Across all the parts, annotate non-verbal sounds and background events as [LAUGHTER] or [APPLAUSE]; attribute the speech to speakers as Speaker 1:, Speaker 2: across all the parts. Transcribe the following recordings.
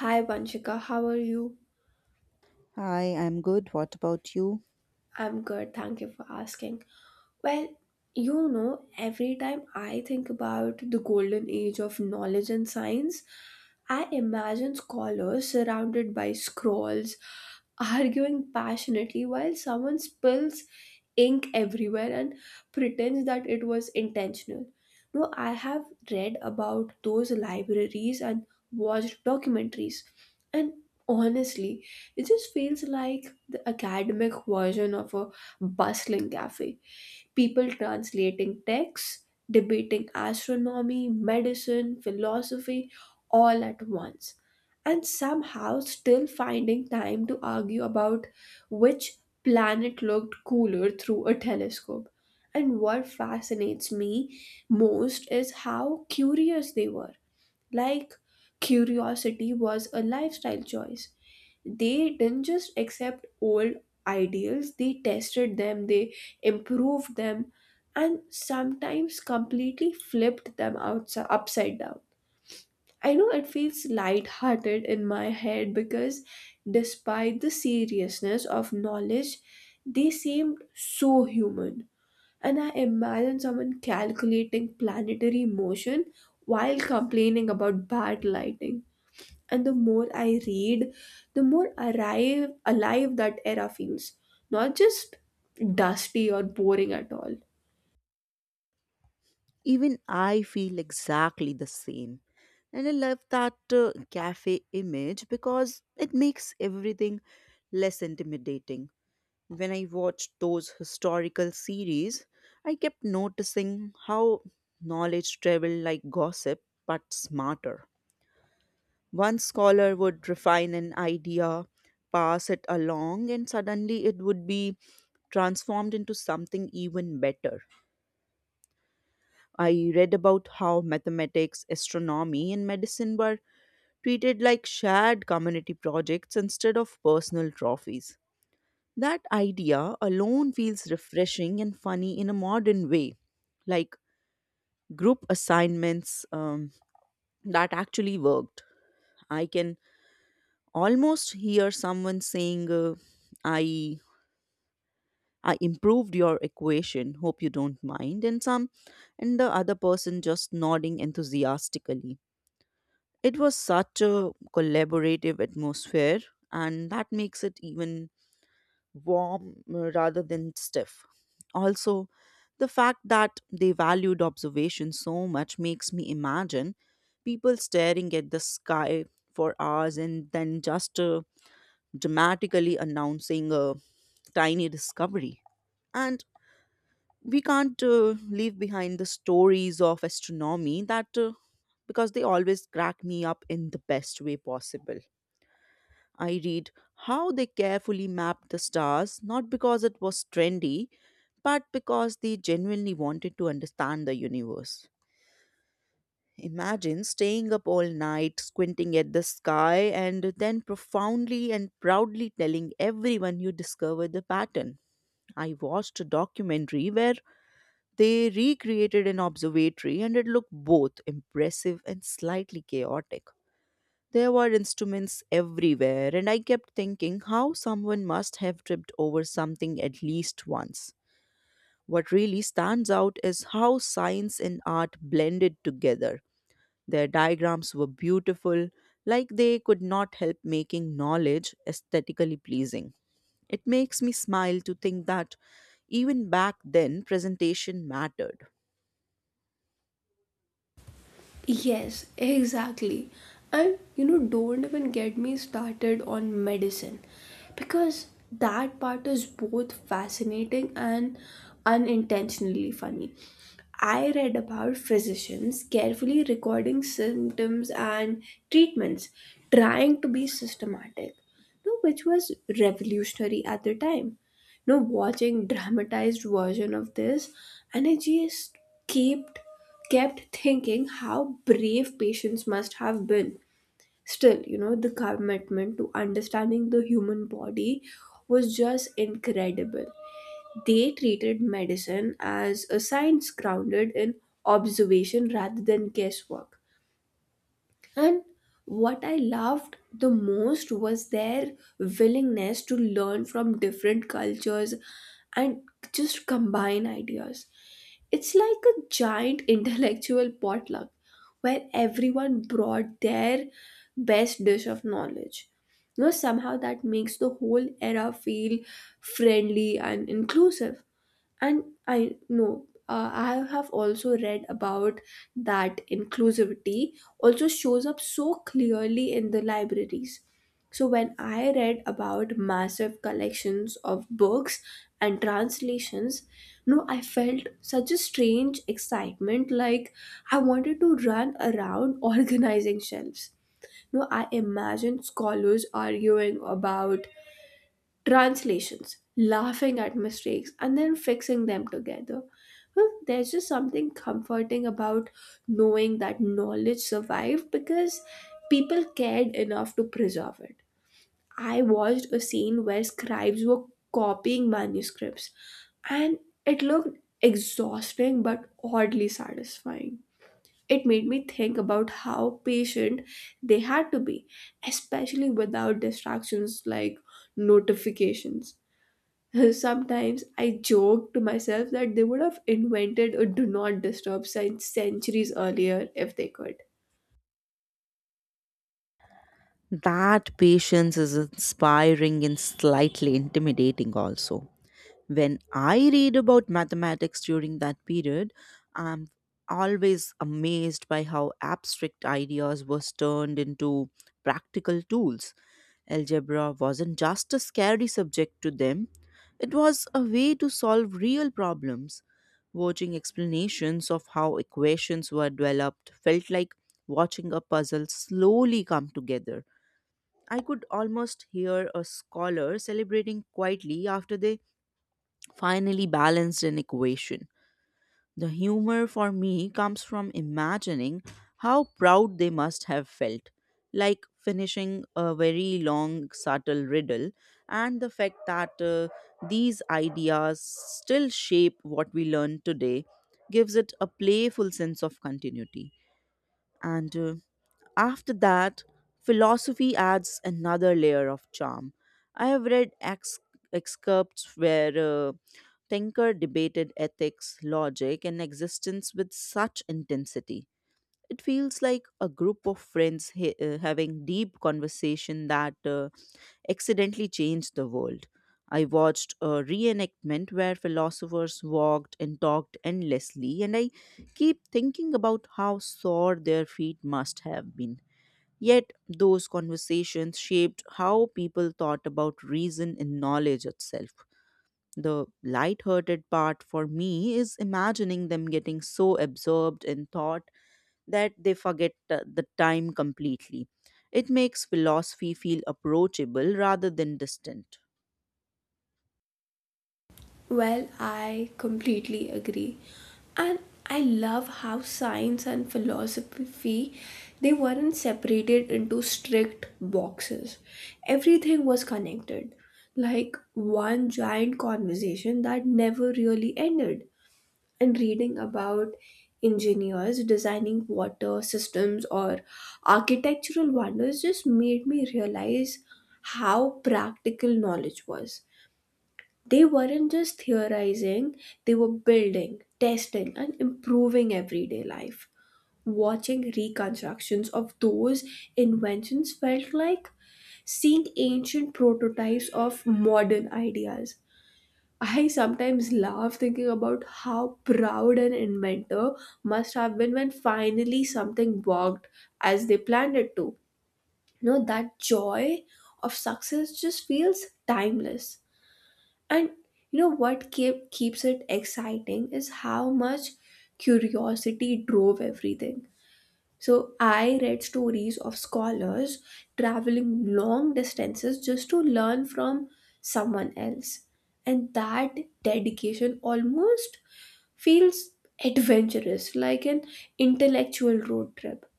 Speaker 1: Hi Vanshika, how are you?
Speaker 2: Hi, I'm good. What about you?
Speaker 1: I'm good, thank you for asking. Well, you know, every time I think about the golden age of knowledge and science, I imagine scholars surrounded by scrolls, [LAUGHS] arguing passionately while someone spills ink everywhere and pretends that it was intentional. No, I have read about those libraries and watched documentaries, and honestly, it just feels like the academic version of a bustling cafe people translating texts, debating astronomy, medicine, philosophy, all at once, and somehow still finding time to argue about which planet looked cooler through a telescope. And what fascinates me most is how curious they were. Like, curiosity was a lifestyle choice they didn't just accept old ideals, they tested them, they improved them, and sometimes completely flipped them outside, upside down. I know it feels light-hearted in my head because despite the seriousness of knowledge, they seemed so human. And I imagine someone calculating planetary motion while complaining about bad lighting and the more I read, the more alive that era feels. Not just dusty or boring at all.
Speaker 2: Even I feel exactly the same. And I love that cafe image because it makes everything less intimidating. When I watched those historical series, I kept noticing how knowledge traveled like gossip but smarter. One scholar would refine an idea, pass it along, and suddenly it would be transformed into something even better. I read about how mathematics, astronomy, and medicine were treated like shared community projects instead of personal trophies. That idea alone feels refreshing and funny in a modern way, like group assignments that actually worked. I can almost hear someone saying, "I." I improved your equation. Hope you don't mind. And the other person just nodding enthusiastically. It was such a collaborative atmosphere, and that makes it even warm rather than stiff. Also, the fact that they valued observation so much makes me imagine people staring at the sky for hours and then just dramatically announcing a tiny discovery. And we can't leave behind the stories of astronomy that because they always crack me up in the best way possible. I read how they carefully mapped the stars, not because it was trendy, but because they genuinely wanted to understand the universe. Imagine staying up all night, squinting at the sky, and then profoundly and proudly telling everyone you discovered the pattern. I watched a documentary where they recreated an observatory and it looked both impressive and slightly chaotic. There were instruments everywhere, and I kept thinking how someone must have tripped over something at least once. What really stands out is how science and art blended together. Their diagrams were beautiful, like they could not help making knowledge aesthetically pleasing. It makes me smile to think that even back then, presentation mattered.
Speaker 1: Yes, exactly. And you know, don't even get me started on medicine because that part is both fascinating and unintentionally funny. I read about physicians carefully recording symptoms and treatments, trying to be systematic, you know, which was revolutionary at the time. You know, watching dramatized version of this, and I just kept kept thinking how brave patients must have been. Still, you know, the commitment to understanding the human body was just incredible. They treated medicine as a science grounded in observation rather than guesswork, and what I loved the most was their willingness to learn from different cultures and just combine ideas. It's like a giant [LAUGHS] intellectual potluck where everyone brought their best dish of knowledge. You know, somehow that makes the whole era feel friendly and inclusive. And I know, I have also read about that inclusivity also shows up so clearly in the libraries. So when I read about massive collections of books and translations, no, I felt such a strange excitement, like I wanted to run around [LAUGHS] organizing shelves. No, I imagined scholars arguing about translations, laughing at mistakes, and then fixing them together. Well, there's just something comforting about knowing that knowledge survived because people cared enough to preserve it. I watched a scene where scribes were copying manuscripts, and it looked exhausting but oddly satisfying. It made me think about how patient they had to be, especially without distractions like notifications. [LAUGHS] Sometimes I joke to myself that they would have invented a do not disturb sign centuries earlier if they could.
Speaker 2: That patience is inspiring and slightly intimidating, also. When I read about mathematics during that period, I'm always amazed by how abstract ideas was turned into practical tools. Algebra wasn't just a scary subject to them, it was a way to solve real problems. Watching explanations of how equations were developed felt like watching a puzzle slowly come together. I could almost hear a scholar celebrating quietly after they finally balanced an equation. The humor for me comes from imagining how proud they must have felt, like finishing a very long, subtle riddle, and the fact that these ideas still shape what we learn today gives it a playful sense of continuity. And After that, philosophy adds another layer of charm. I have read excerpts where Tinker debated ethics, logic, and existence with such intensity. It feels like a group of friends having deep conversation that accidentally changed the world. I watched a reenactment where philosophers walked and talked endlessly, and I keep thinking about how sore their feet must have been. Yet, those conversations shaped how people thought about reason and knowledge itself. The light-hearted part for me is imagining them getting so absorbed in thought that they forget the time completely. It makes philosophy feel approachable rather than distant.
Speaker 1: Well, I completely agree. And I love how science and philosophy they weren't separated into strict boxes. Everything was connected. Like one giant conversation that never really ended. And reading about engineers designing water systems or architectural wonders just made me realize how practical knowledge was. They weren't just theorizing, they were building, testing, and improving everyday life. Watching reconstructions of those inventions felt like seeing ancient prototypes of modern ideas. I sometimes laugh thinking about how proud an inventor must have been when finally something worked as they planned it to. You know, that joy of success just feels timeless. And you know what keeps it exciting is how much curiosity drove everything. So I read stories of scholars traveling long distances just to learn from someone else. And that dedication almost feels adventurous, like an intellectual road trip.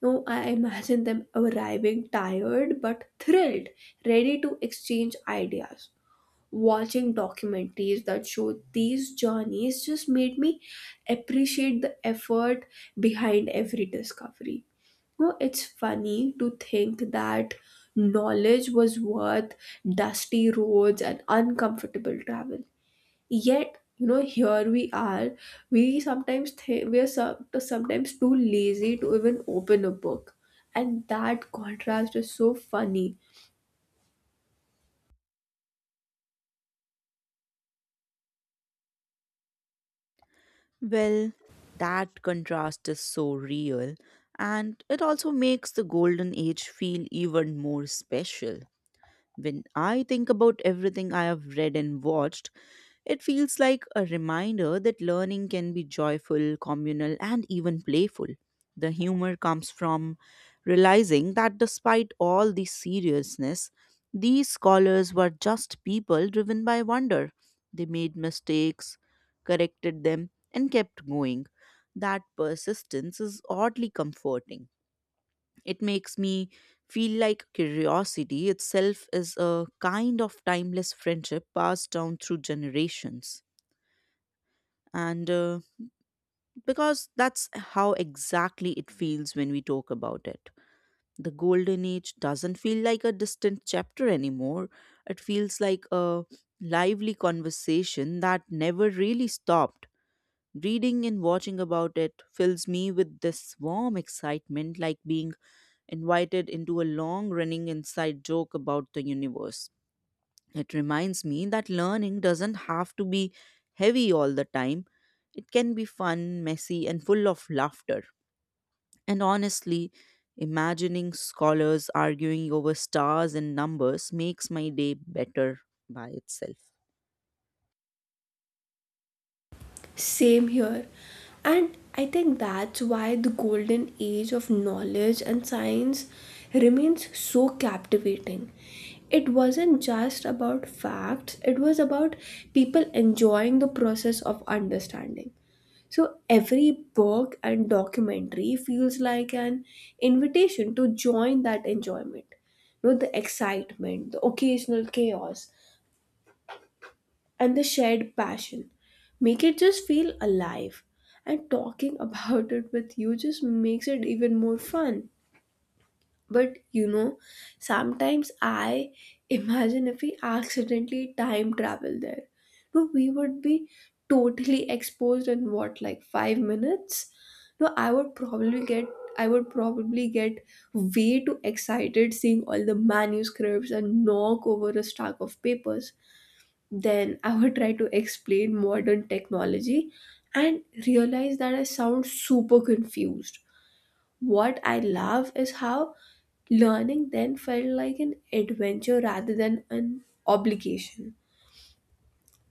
Speaker 1: No, I imagine them arriving tired but thrilled, ready to exchange ideas. Watching documentaries that show these journeys just made me appreciate the effort behind every discovery. No, it's funny to think that knowledge was worth dusty roads and uncomfortable travel. Yet, you know, here we are. We sometimes think we are sometimes too lazy to even open a book, and that contrast is so funny.
Speaker 2: Well, that contrast is so real, and it also makes the golden age feel even more special. When I think about everything I have read and watched, it feels like a reminder that learning can be joyful, communal, and even playful. The humor comes from realizing that despite all the seriousness, these scholars were just people driven by wonder. They made mistakes, corrected them, and kept going. That persistence is oddly comforting. It makes me feel like curiosity itself is a kind of timeless friendship passed down through generations. And Because that's how exactly it feels when we talk about it. The Golden Age doesn't feel like a distant chapter anymore. It feels like a lively conversation that never really stopped. Reading and watching about it fills me with this warm excitement, like being invited into a long running inside joke about the universe. It reminds me that learning doesn't have to be heavy all the time, it can be fun, messy, and full of laughter. And honestly, imagining scholars arguing over stars and numbers makes my day better by itself.
Speaker 1: Same here. And I think that's why the golden age of knowledge and science remains so captivating. It wasn't just about facts, it was about people enjoying the process of understanding. So every book and documentary feels like an invitation to join that enjoyment. You know, the excitement, the occasional chaos, and the shared passion make it just feel alive. And talking [LAUGHS] about it with you just makes it even more fun. But you know, sometimes I [LAUGHS] imagine if we accidentally time travel there, no, we would be totally exposed in what, like, 5 minutes. No, I would probably get way too excited seeing all the manuscripts and knock over a stack of papers. Then I would try to explain modern technology and realize that I sound super confused. What I love is how learning then felt like an adventure rather than an obligation.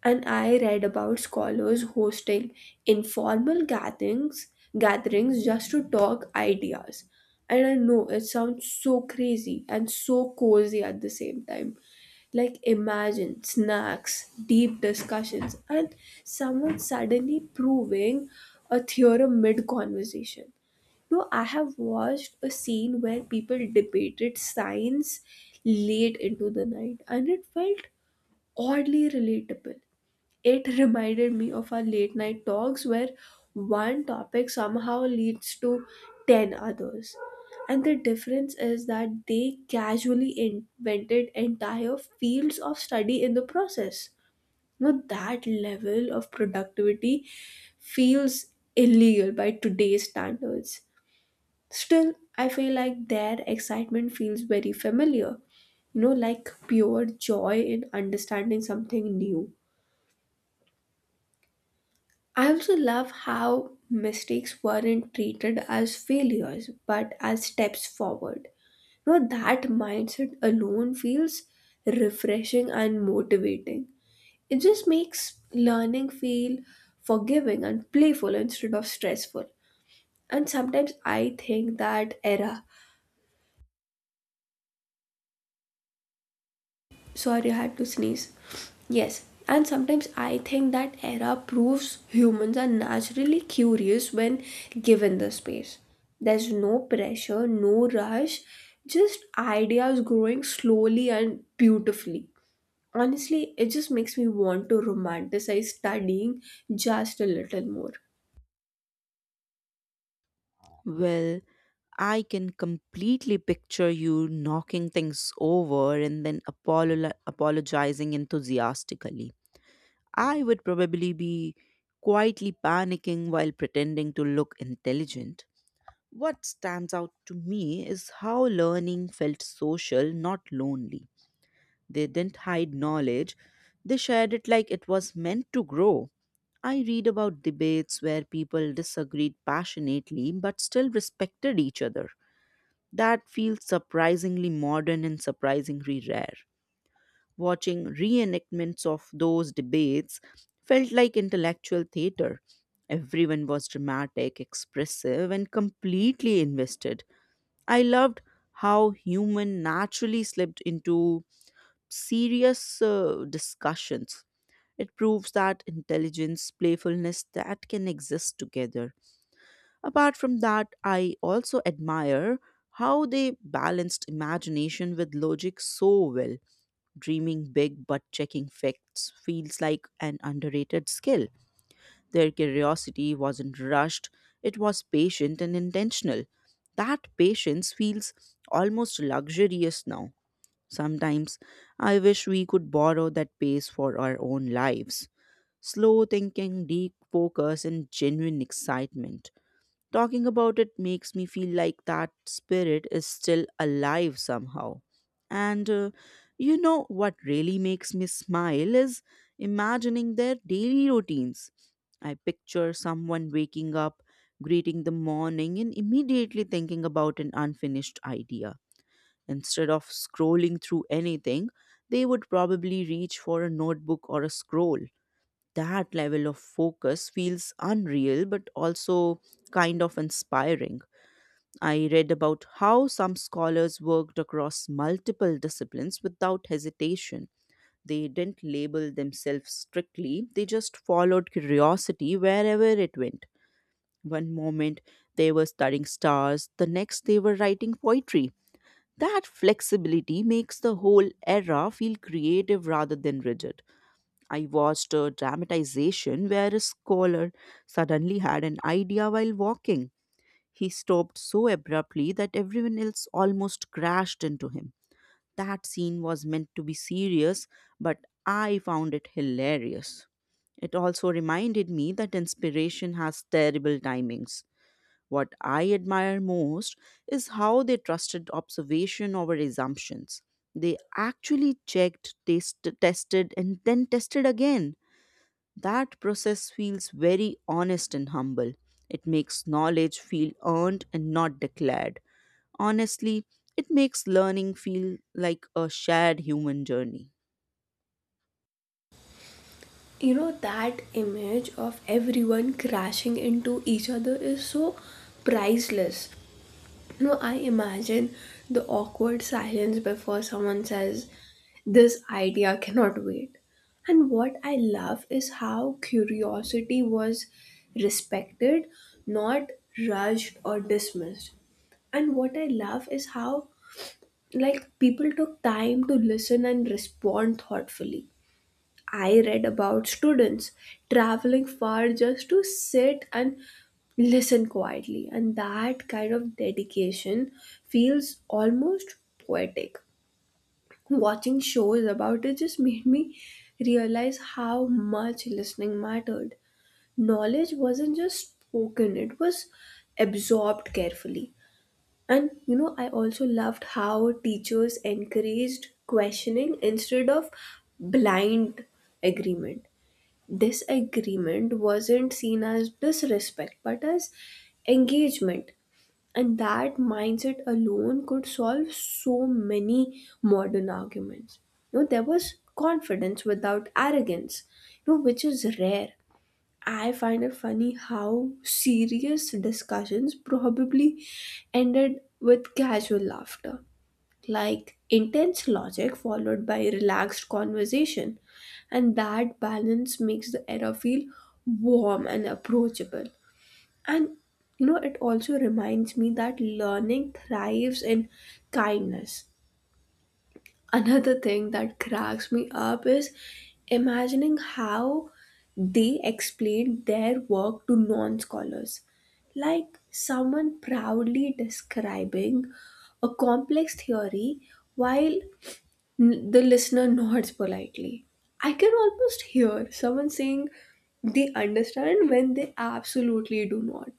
Speaker 1: And I read about scholars hosting informal gatherings just to talk ideas. And I know it sounds so crazy and so cozy at the same time. Like imagine snacks, deep discussions, and someone suddenly proving a theorem mid conversation. No, I have watched a scene where people debated science late into the night, and it felt oddly relatable. It reminded me of our late night talks where one topic somehow leads to 10 others. And the difference is that they casually invented entire fields of study in the process. Now, that level of productivity feels illegal by today's standards. Still, I feel like their excitement feels very familiar, you know, like pure joy in understanding something new. I also love how mistakes weren't treated as failures but as steps forward. You know, that mindset alone feels refreshing and motivating. It just makes learning feel forgiving and playful instead of stressful. And sometimes I think that era Sorry, I had to sneeze. Yes, and sometimes I think that era proves humans are naturally curious when given the space. There's no pressure, no rush, just ideas growing slowly and beautifully. Honestly, it just makes me want to romanticize studying just a little more.
Speaker 2: Well, I can completely picture you knocking things over and then apologizing enthusiastically. I would probably be quietly panicking while pretending to look intelligent. What stands out to me is how learning felt social, not lonely. They didn't hide knowledge, they shared it like it was meant to grow. I read about debates where people disagreed passionately but still respected each other. That feels surprisingly modern and surprisingly rare. Watching reenactments of those debates felt like intellectual theater. Everyone was dramatic, expressive, and completely invested. I loved how human naturally slipped into serious discussions. It proves that intelligence, playfulness, that can exist together. Apart from that, I also admire how they balanced imagination with logic so well. Dreaming big but checking facts feels like an underrated skill. Their curiosity wasn't rushed, it was patient and intentional. That patience feels almost luxurious now. Sometimes I wish we could borrow that pace for our own lives. Slow thinking, deep focus, and genuine excitement. Talking about it makes me feel like that spirit is still alive somehow. And You know what really makes me smile is imagining their daily routines. I picture someone waking up, greeting the morning, and immediately thinking about an unfinished idea. Instead of scrolling through anything, they would probably reach for a notebook or a scroll. That level of focus feels unreal but also kind of inspiring. I read about how some scholars worked across multiple disciplines without hesitation. They didn't label themselves strictly, they just followed curiosity wherever it went. One moment they were studying stars, the next they were writing poetry. That flexibility makes the whole era feel creative rather than rigid. I watched a dramatization where a scholar suddenly had an idea while walking. He stopped so abruptly that everyone else almost crashed into him. That scene was meant to be serious, but I found it hilarious. It also reminded me that inspiration has terrible timings. What I admire most is how they trusted observation over assumptions. They actually tested, and then tested again. That process feels very honest and humble. It makes knowledge feel earned and not declared. Honestly, it makes learning feel like a shared human journey.
Speaker 1: You know, that image of everyone crashing into each other is so priceless. No, I imagine the awkward silence before someone says, This idea cannot wait. And what I love is how curiosity was respected, not rushed or dismissed. And what I love is how, like, people took time to listen and respond thoughtfully. I read about students traveling far just to sit and listen quietly, and that kind of dedication feels almost poetic. Watching shows about it just made me realize how much listening mattered. Knowledge wasn't just spoken, it was absorbed carefully. And you know, I also loved how teachers encouraged questioning instead of blind agreement. This agreement wasn't seen as disrespect but as engagement, and that mindset alone could solve so many modern arguments. You know, there was confidence without arrogance, you know, which is rare. I find it funny how serious discussions probably ended with casual laughter like intense logic followed by relaxed conversation. And that balance makes the era feel warm and approachable. And you know, it also reminds me that learning thrives in kindness. Another thing that cracks me up is imagining how they explain their work to non scholars. Like someone proudly describing a complex theory while The listener nods politely. I can almost hear someone saying they understand when they absolutely do not.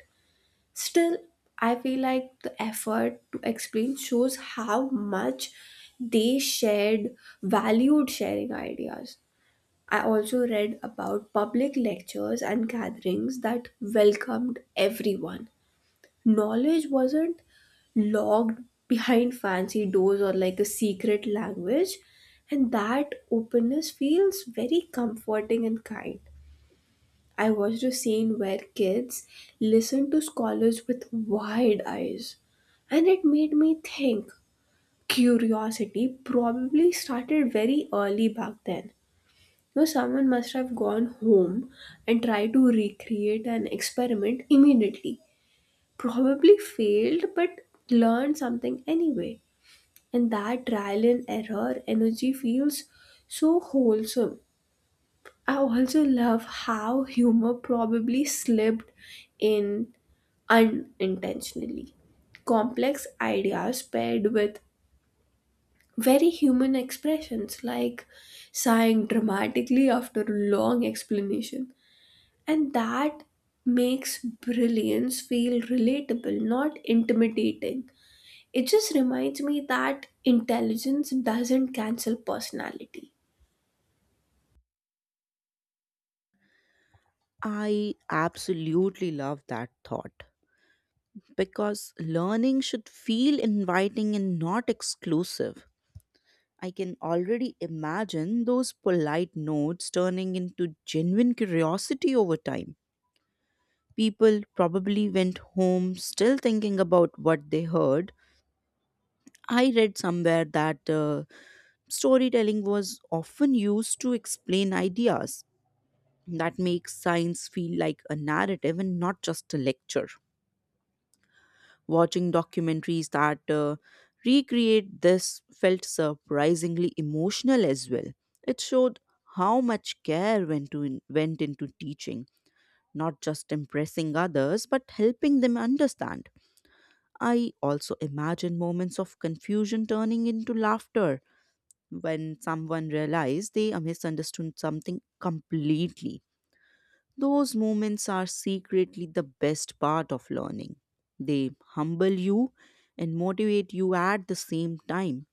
Speaker 1: Still, I feel like the effort to explain shows how much they shared, valued sharing ideas. I also read about public lectures and gatherings that welcomed everyone. Knowledge wasn't locked behind fancy doors or like a secret language, and that openness feels very comforting and kind. I watched a scene where kids listened to scholars with wide eyes, and it made me think curiosity probably started very early back then. You know, someone must have gone home and tried to recreate an experiment immediately, probably failed but learned something anyway. And that trial and error energy feels so wholesome. I also love how humor probably slipped in unintentionally. Complex ideas paired with very human expressions like sighing dramatically after a long explanation. And that makes brilliance feel relatable, not intimidating. It just reminds me that intelligence doesn't cancel personality.
Speaker 2: I absolutely love that thought because learning should feel inviting and not exclusive. I can already imagine those polite notes turning into genuine curiosity over time. People probably went home still thinking about what they heard. I read somewhere that storytelling was often used to explain ideas. That makes science feel like a narrative and not just a lecture. Watching documentaries that recreate this felt surprisingly emotional as well. It showed how much care went into teaching, not just impressing others, but helping them understand. I also imagine moments of confusion turning into laughter when someone realized they misunderstood something completely. Those moments are secretly the best part of learning. They humble you and motivate you at the same time.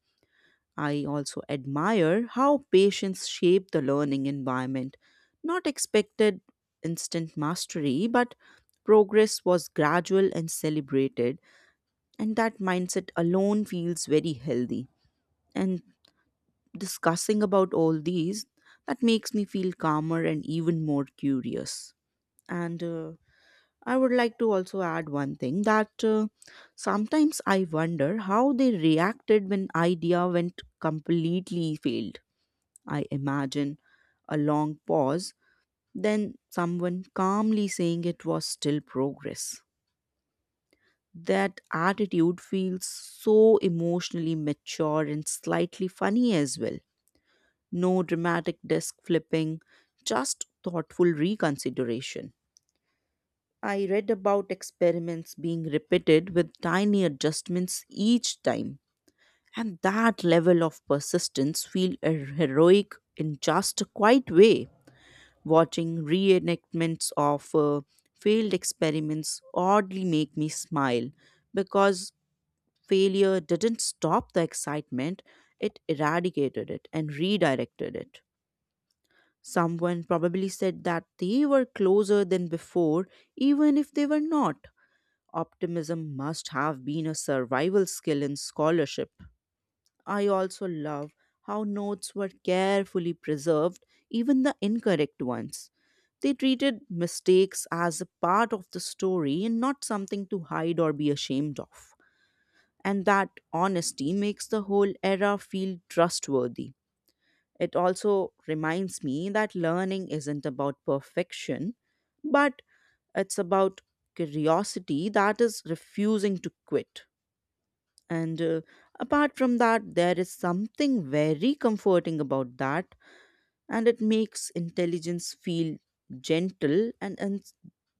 Speaker 2: I also admire how patients shape the learning environment. Not expected instant mastery, but progress was gradual and celebrated, and that mindset alone feels very healthy. And discussing about all these, that makes me feel calmer and even more curious. And I would like to also add one thing that sometimes I wonder how they reacted when idea went completely failed. I imagine a long pause, then someone calmly saying it was still progress. That attitude feels so emotionally mature and slightly funny as well. No dramatic desk flipping, just thoughtful reconsideration. I read about experiments being repeated with tiny adjustments each time, and that level of persistence feels heroic in just a quiet way. Watching reenactments of failed experiments oddly make me smile because failure didn't stop the excitement, it eradicated it and redirected it. Someone probably said that they were closer than before, even if they were not. Optimism must have been a survival skill in scholarship. I also love how notes were carefully preserved, even the incorrect ones. They treated mistakes as a part of the story and not something to hide or be ashamed of, and that honesty makes the whole era feel trustworthy. It also reminds me that learning isn't about perfection, but it's about curiosity that is refusing to quit. And Apart from that, there is something very comforting about that, and it makes intelligence feel gentle and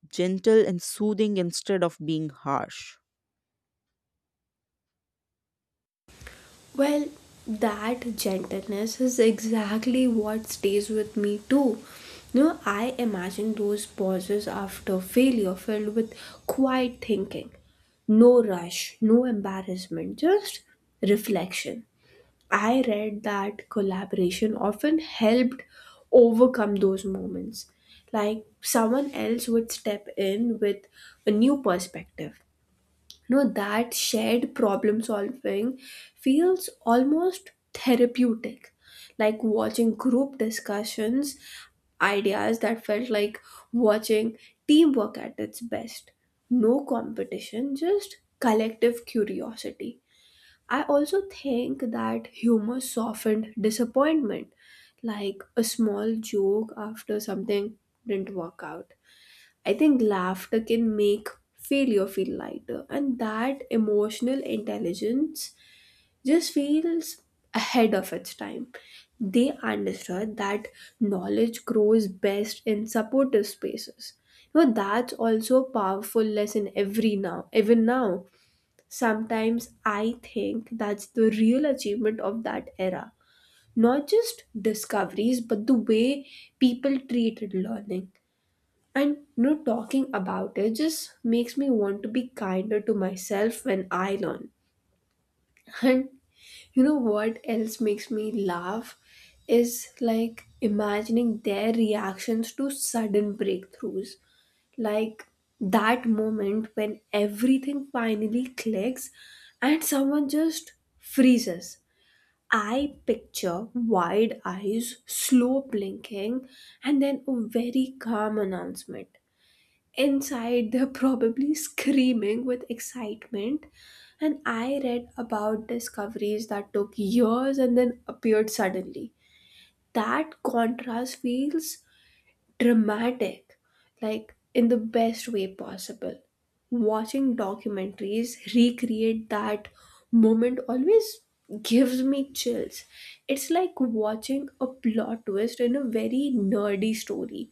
Speaker 2: gentle and soothing instead of being harsh.
Speaker 1: Well, that gentleness is exactly what stays with me too. You know, I imagine those pauses after failure filled with quiet thinking. No rush, no embarrassment, just reflection. I read that collaboration often helped overcome those moments. Like someone else would step in with a new perspective. No, that shared problem solving feels almost therapeutic. Like watching group discussions, ideas that felt like watching teamwork at its best. No competition, just collective curiosity. I also think that humor softened disappointment, like a small joke after something didn't work out. I think laughter can make failure feel lighter, and that emotional intelligence just feels ahead of its time. They understood that knowledge grows best in supportive spaces. You know, that's also a powerful lesson even now. Sometimes I think that's the real achievement of that era. Not just discoveries, but the way people treated learning. And you know, talking about it just makes me want to be kinder to myself when I learn. [LAUGHS] And you know what else makes me laugh is like imagining their reactions to sudden breakthroughs like that moment when everything finally clicks and someone just freezes. I picture wide eyes, slow blinking, and then a very calm announcement. Inside, they're probably screaming with excitement. And I read about discoveries that took years and then appeared suddenly. That contrast feels dramatic, like in the best way possible. Watching documentaries recreate that moment always gives me chills. It's like watching a plot twist in a very nerdy story.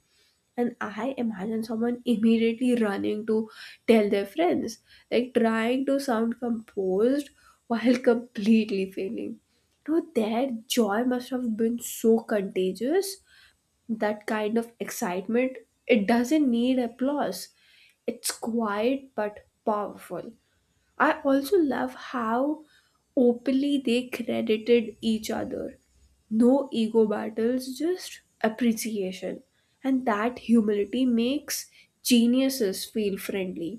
Speaker 1: And I imagine someone immediately running to tell their friends, like trying to sound composed while [LAUGHS] completely failing. No, their joy must have been so contagious. That kind of excitement, it doesn't need applause, it's quiet but powerful. I also love how openly they credited each other, no ego battles, just appreciation. And that humility makes geniuses feel friendly.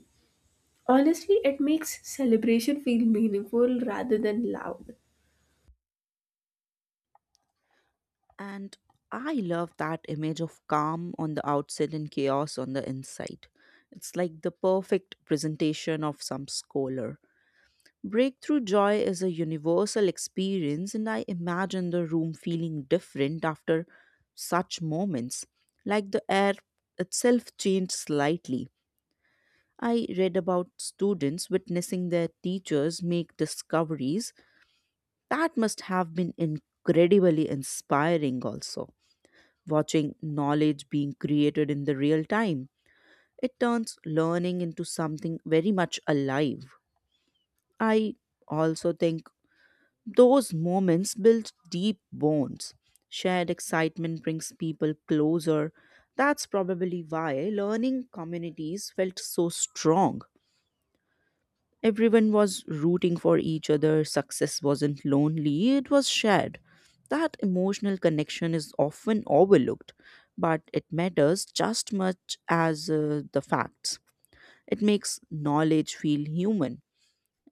Speaker 1: Honestly, it makes celebration feel meaningful rather than loud.
Speaker 2: And I love that image of calm on the outside and chaos on the inside. It's like the perfect presentation of some scholar. Breakthrough joy is a universal experience, and I imagine the room feeling different after such moments, like the air itself changed slightly. I read about students witnessing their teachers make discoveries that must have been incredibly inspiring, also watching knowledge being created in the real time. It turns learning into something very much alive. I also think those moments build deep bonds. Shared excitement brings people closer. That's probably why learning communities felt so strong. Everyone was rooting for each other. Success wasn't lonely, it was shared. That emotional connection is often overlooked, but it matters just much as the facts. It makes knowledge feel human,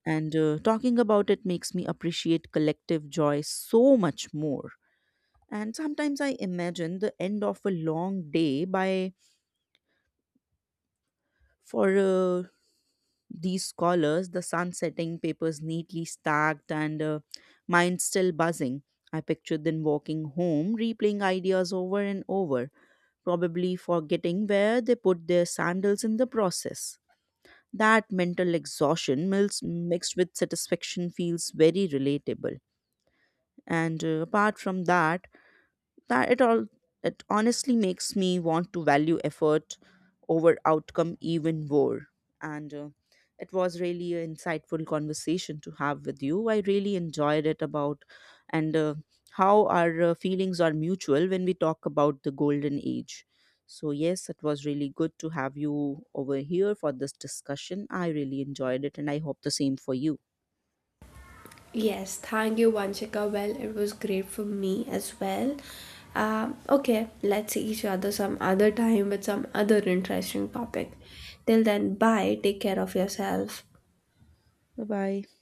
Speaker 2: and talking about it makes me appreciate collective joy so much more. And sometimes I imagine the end of a long day by for these scholars, the sun setting, papers neatly stacked, and mind still buzzing. I pictured them walking home, replaying ideas over and over, probably forgetting where they put their sandals in the process. That mental exhaustion mixed with satisfaction feels very relatable. And Apart from that, that it all, it honestly makes me want to value effort over outcome even more. And It was really an insightful conversation to have with you. I really enjoyed it about. And How our feelings are mutual when we talk about the golden age. So yes, it was really good to have you over here for this discussion. I really enjoyed it and I hope the same for you.
Speaker 1: Yes, thank you, Vanshika. Well, it was great for me as well. Okay, let's see each other some other time with some other interesting topic. Till then, bye. Take care of yourself.
Speaker 2: Bye bye.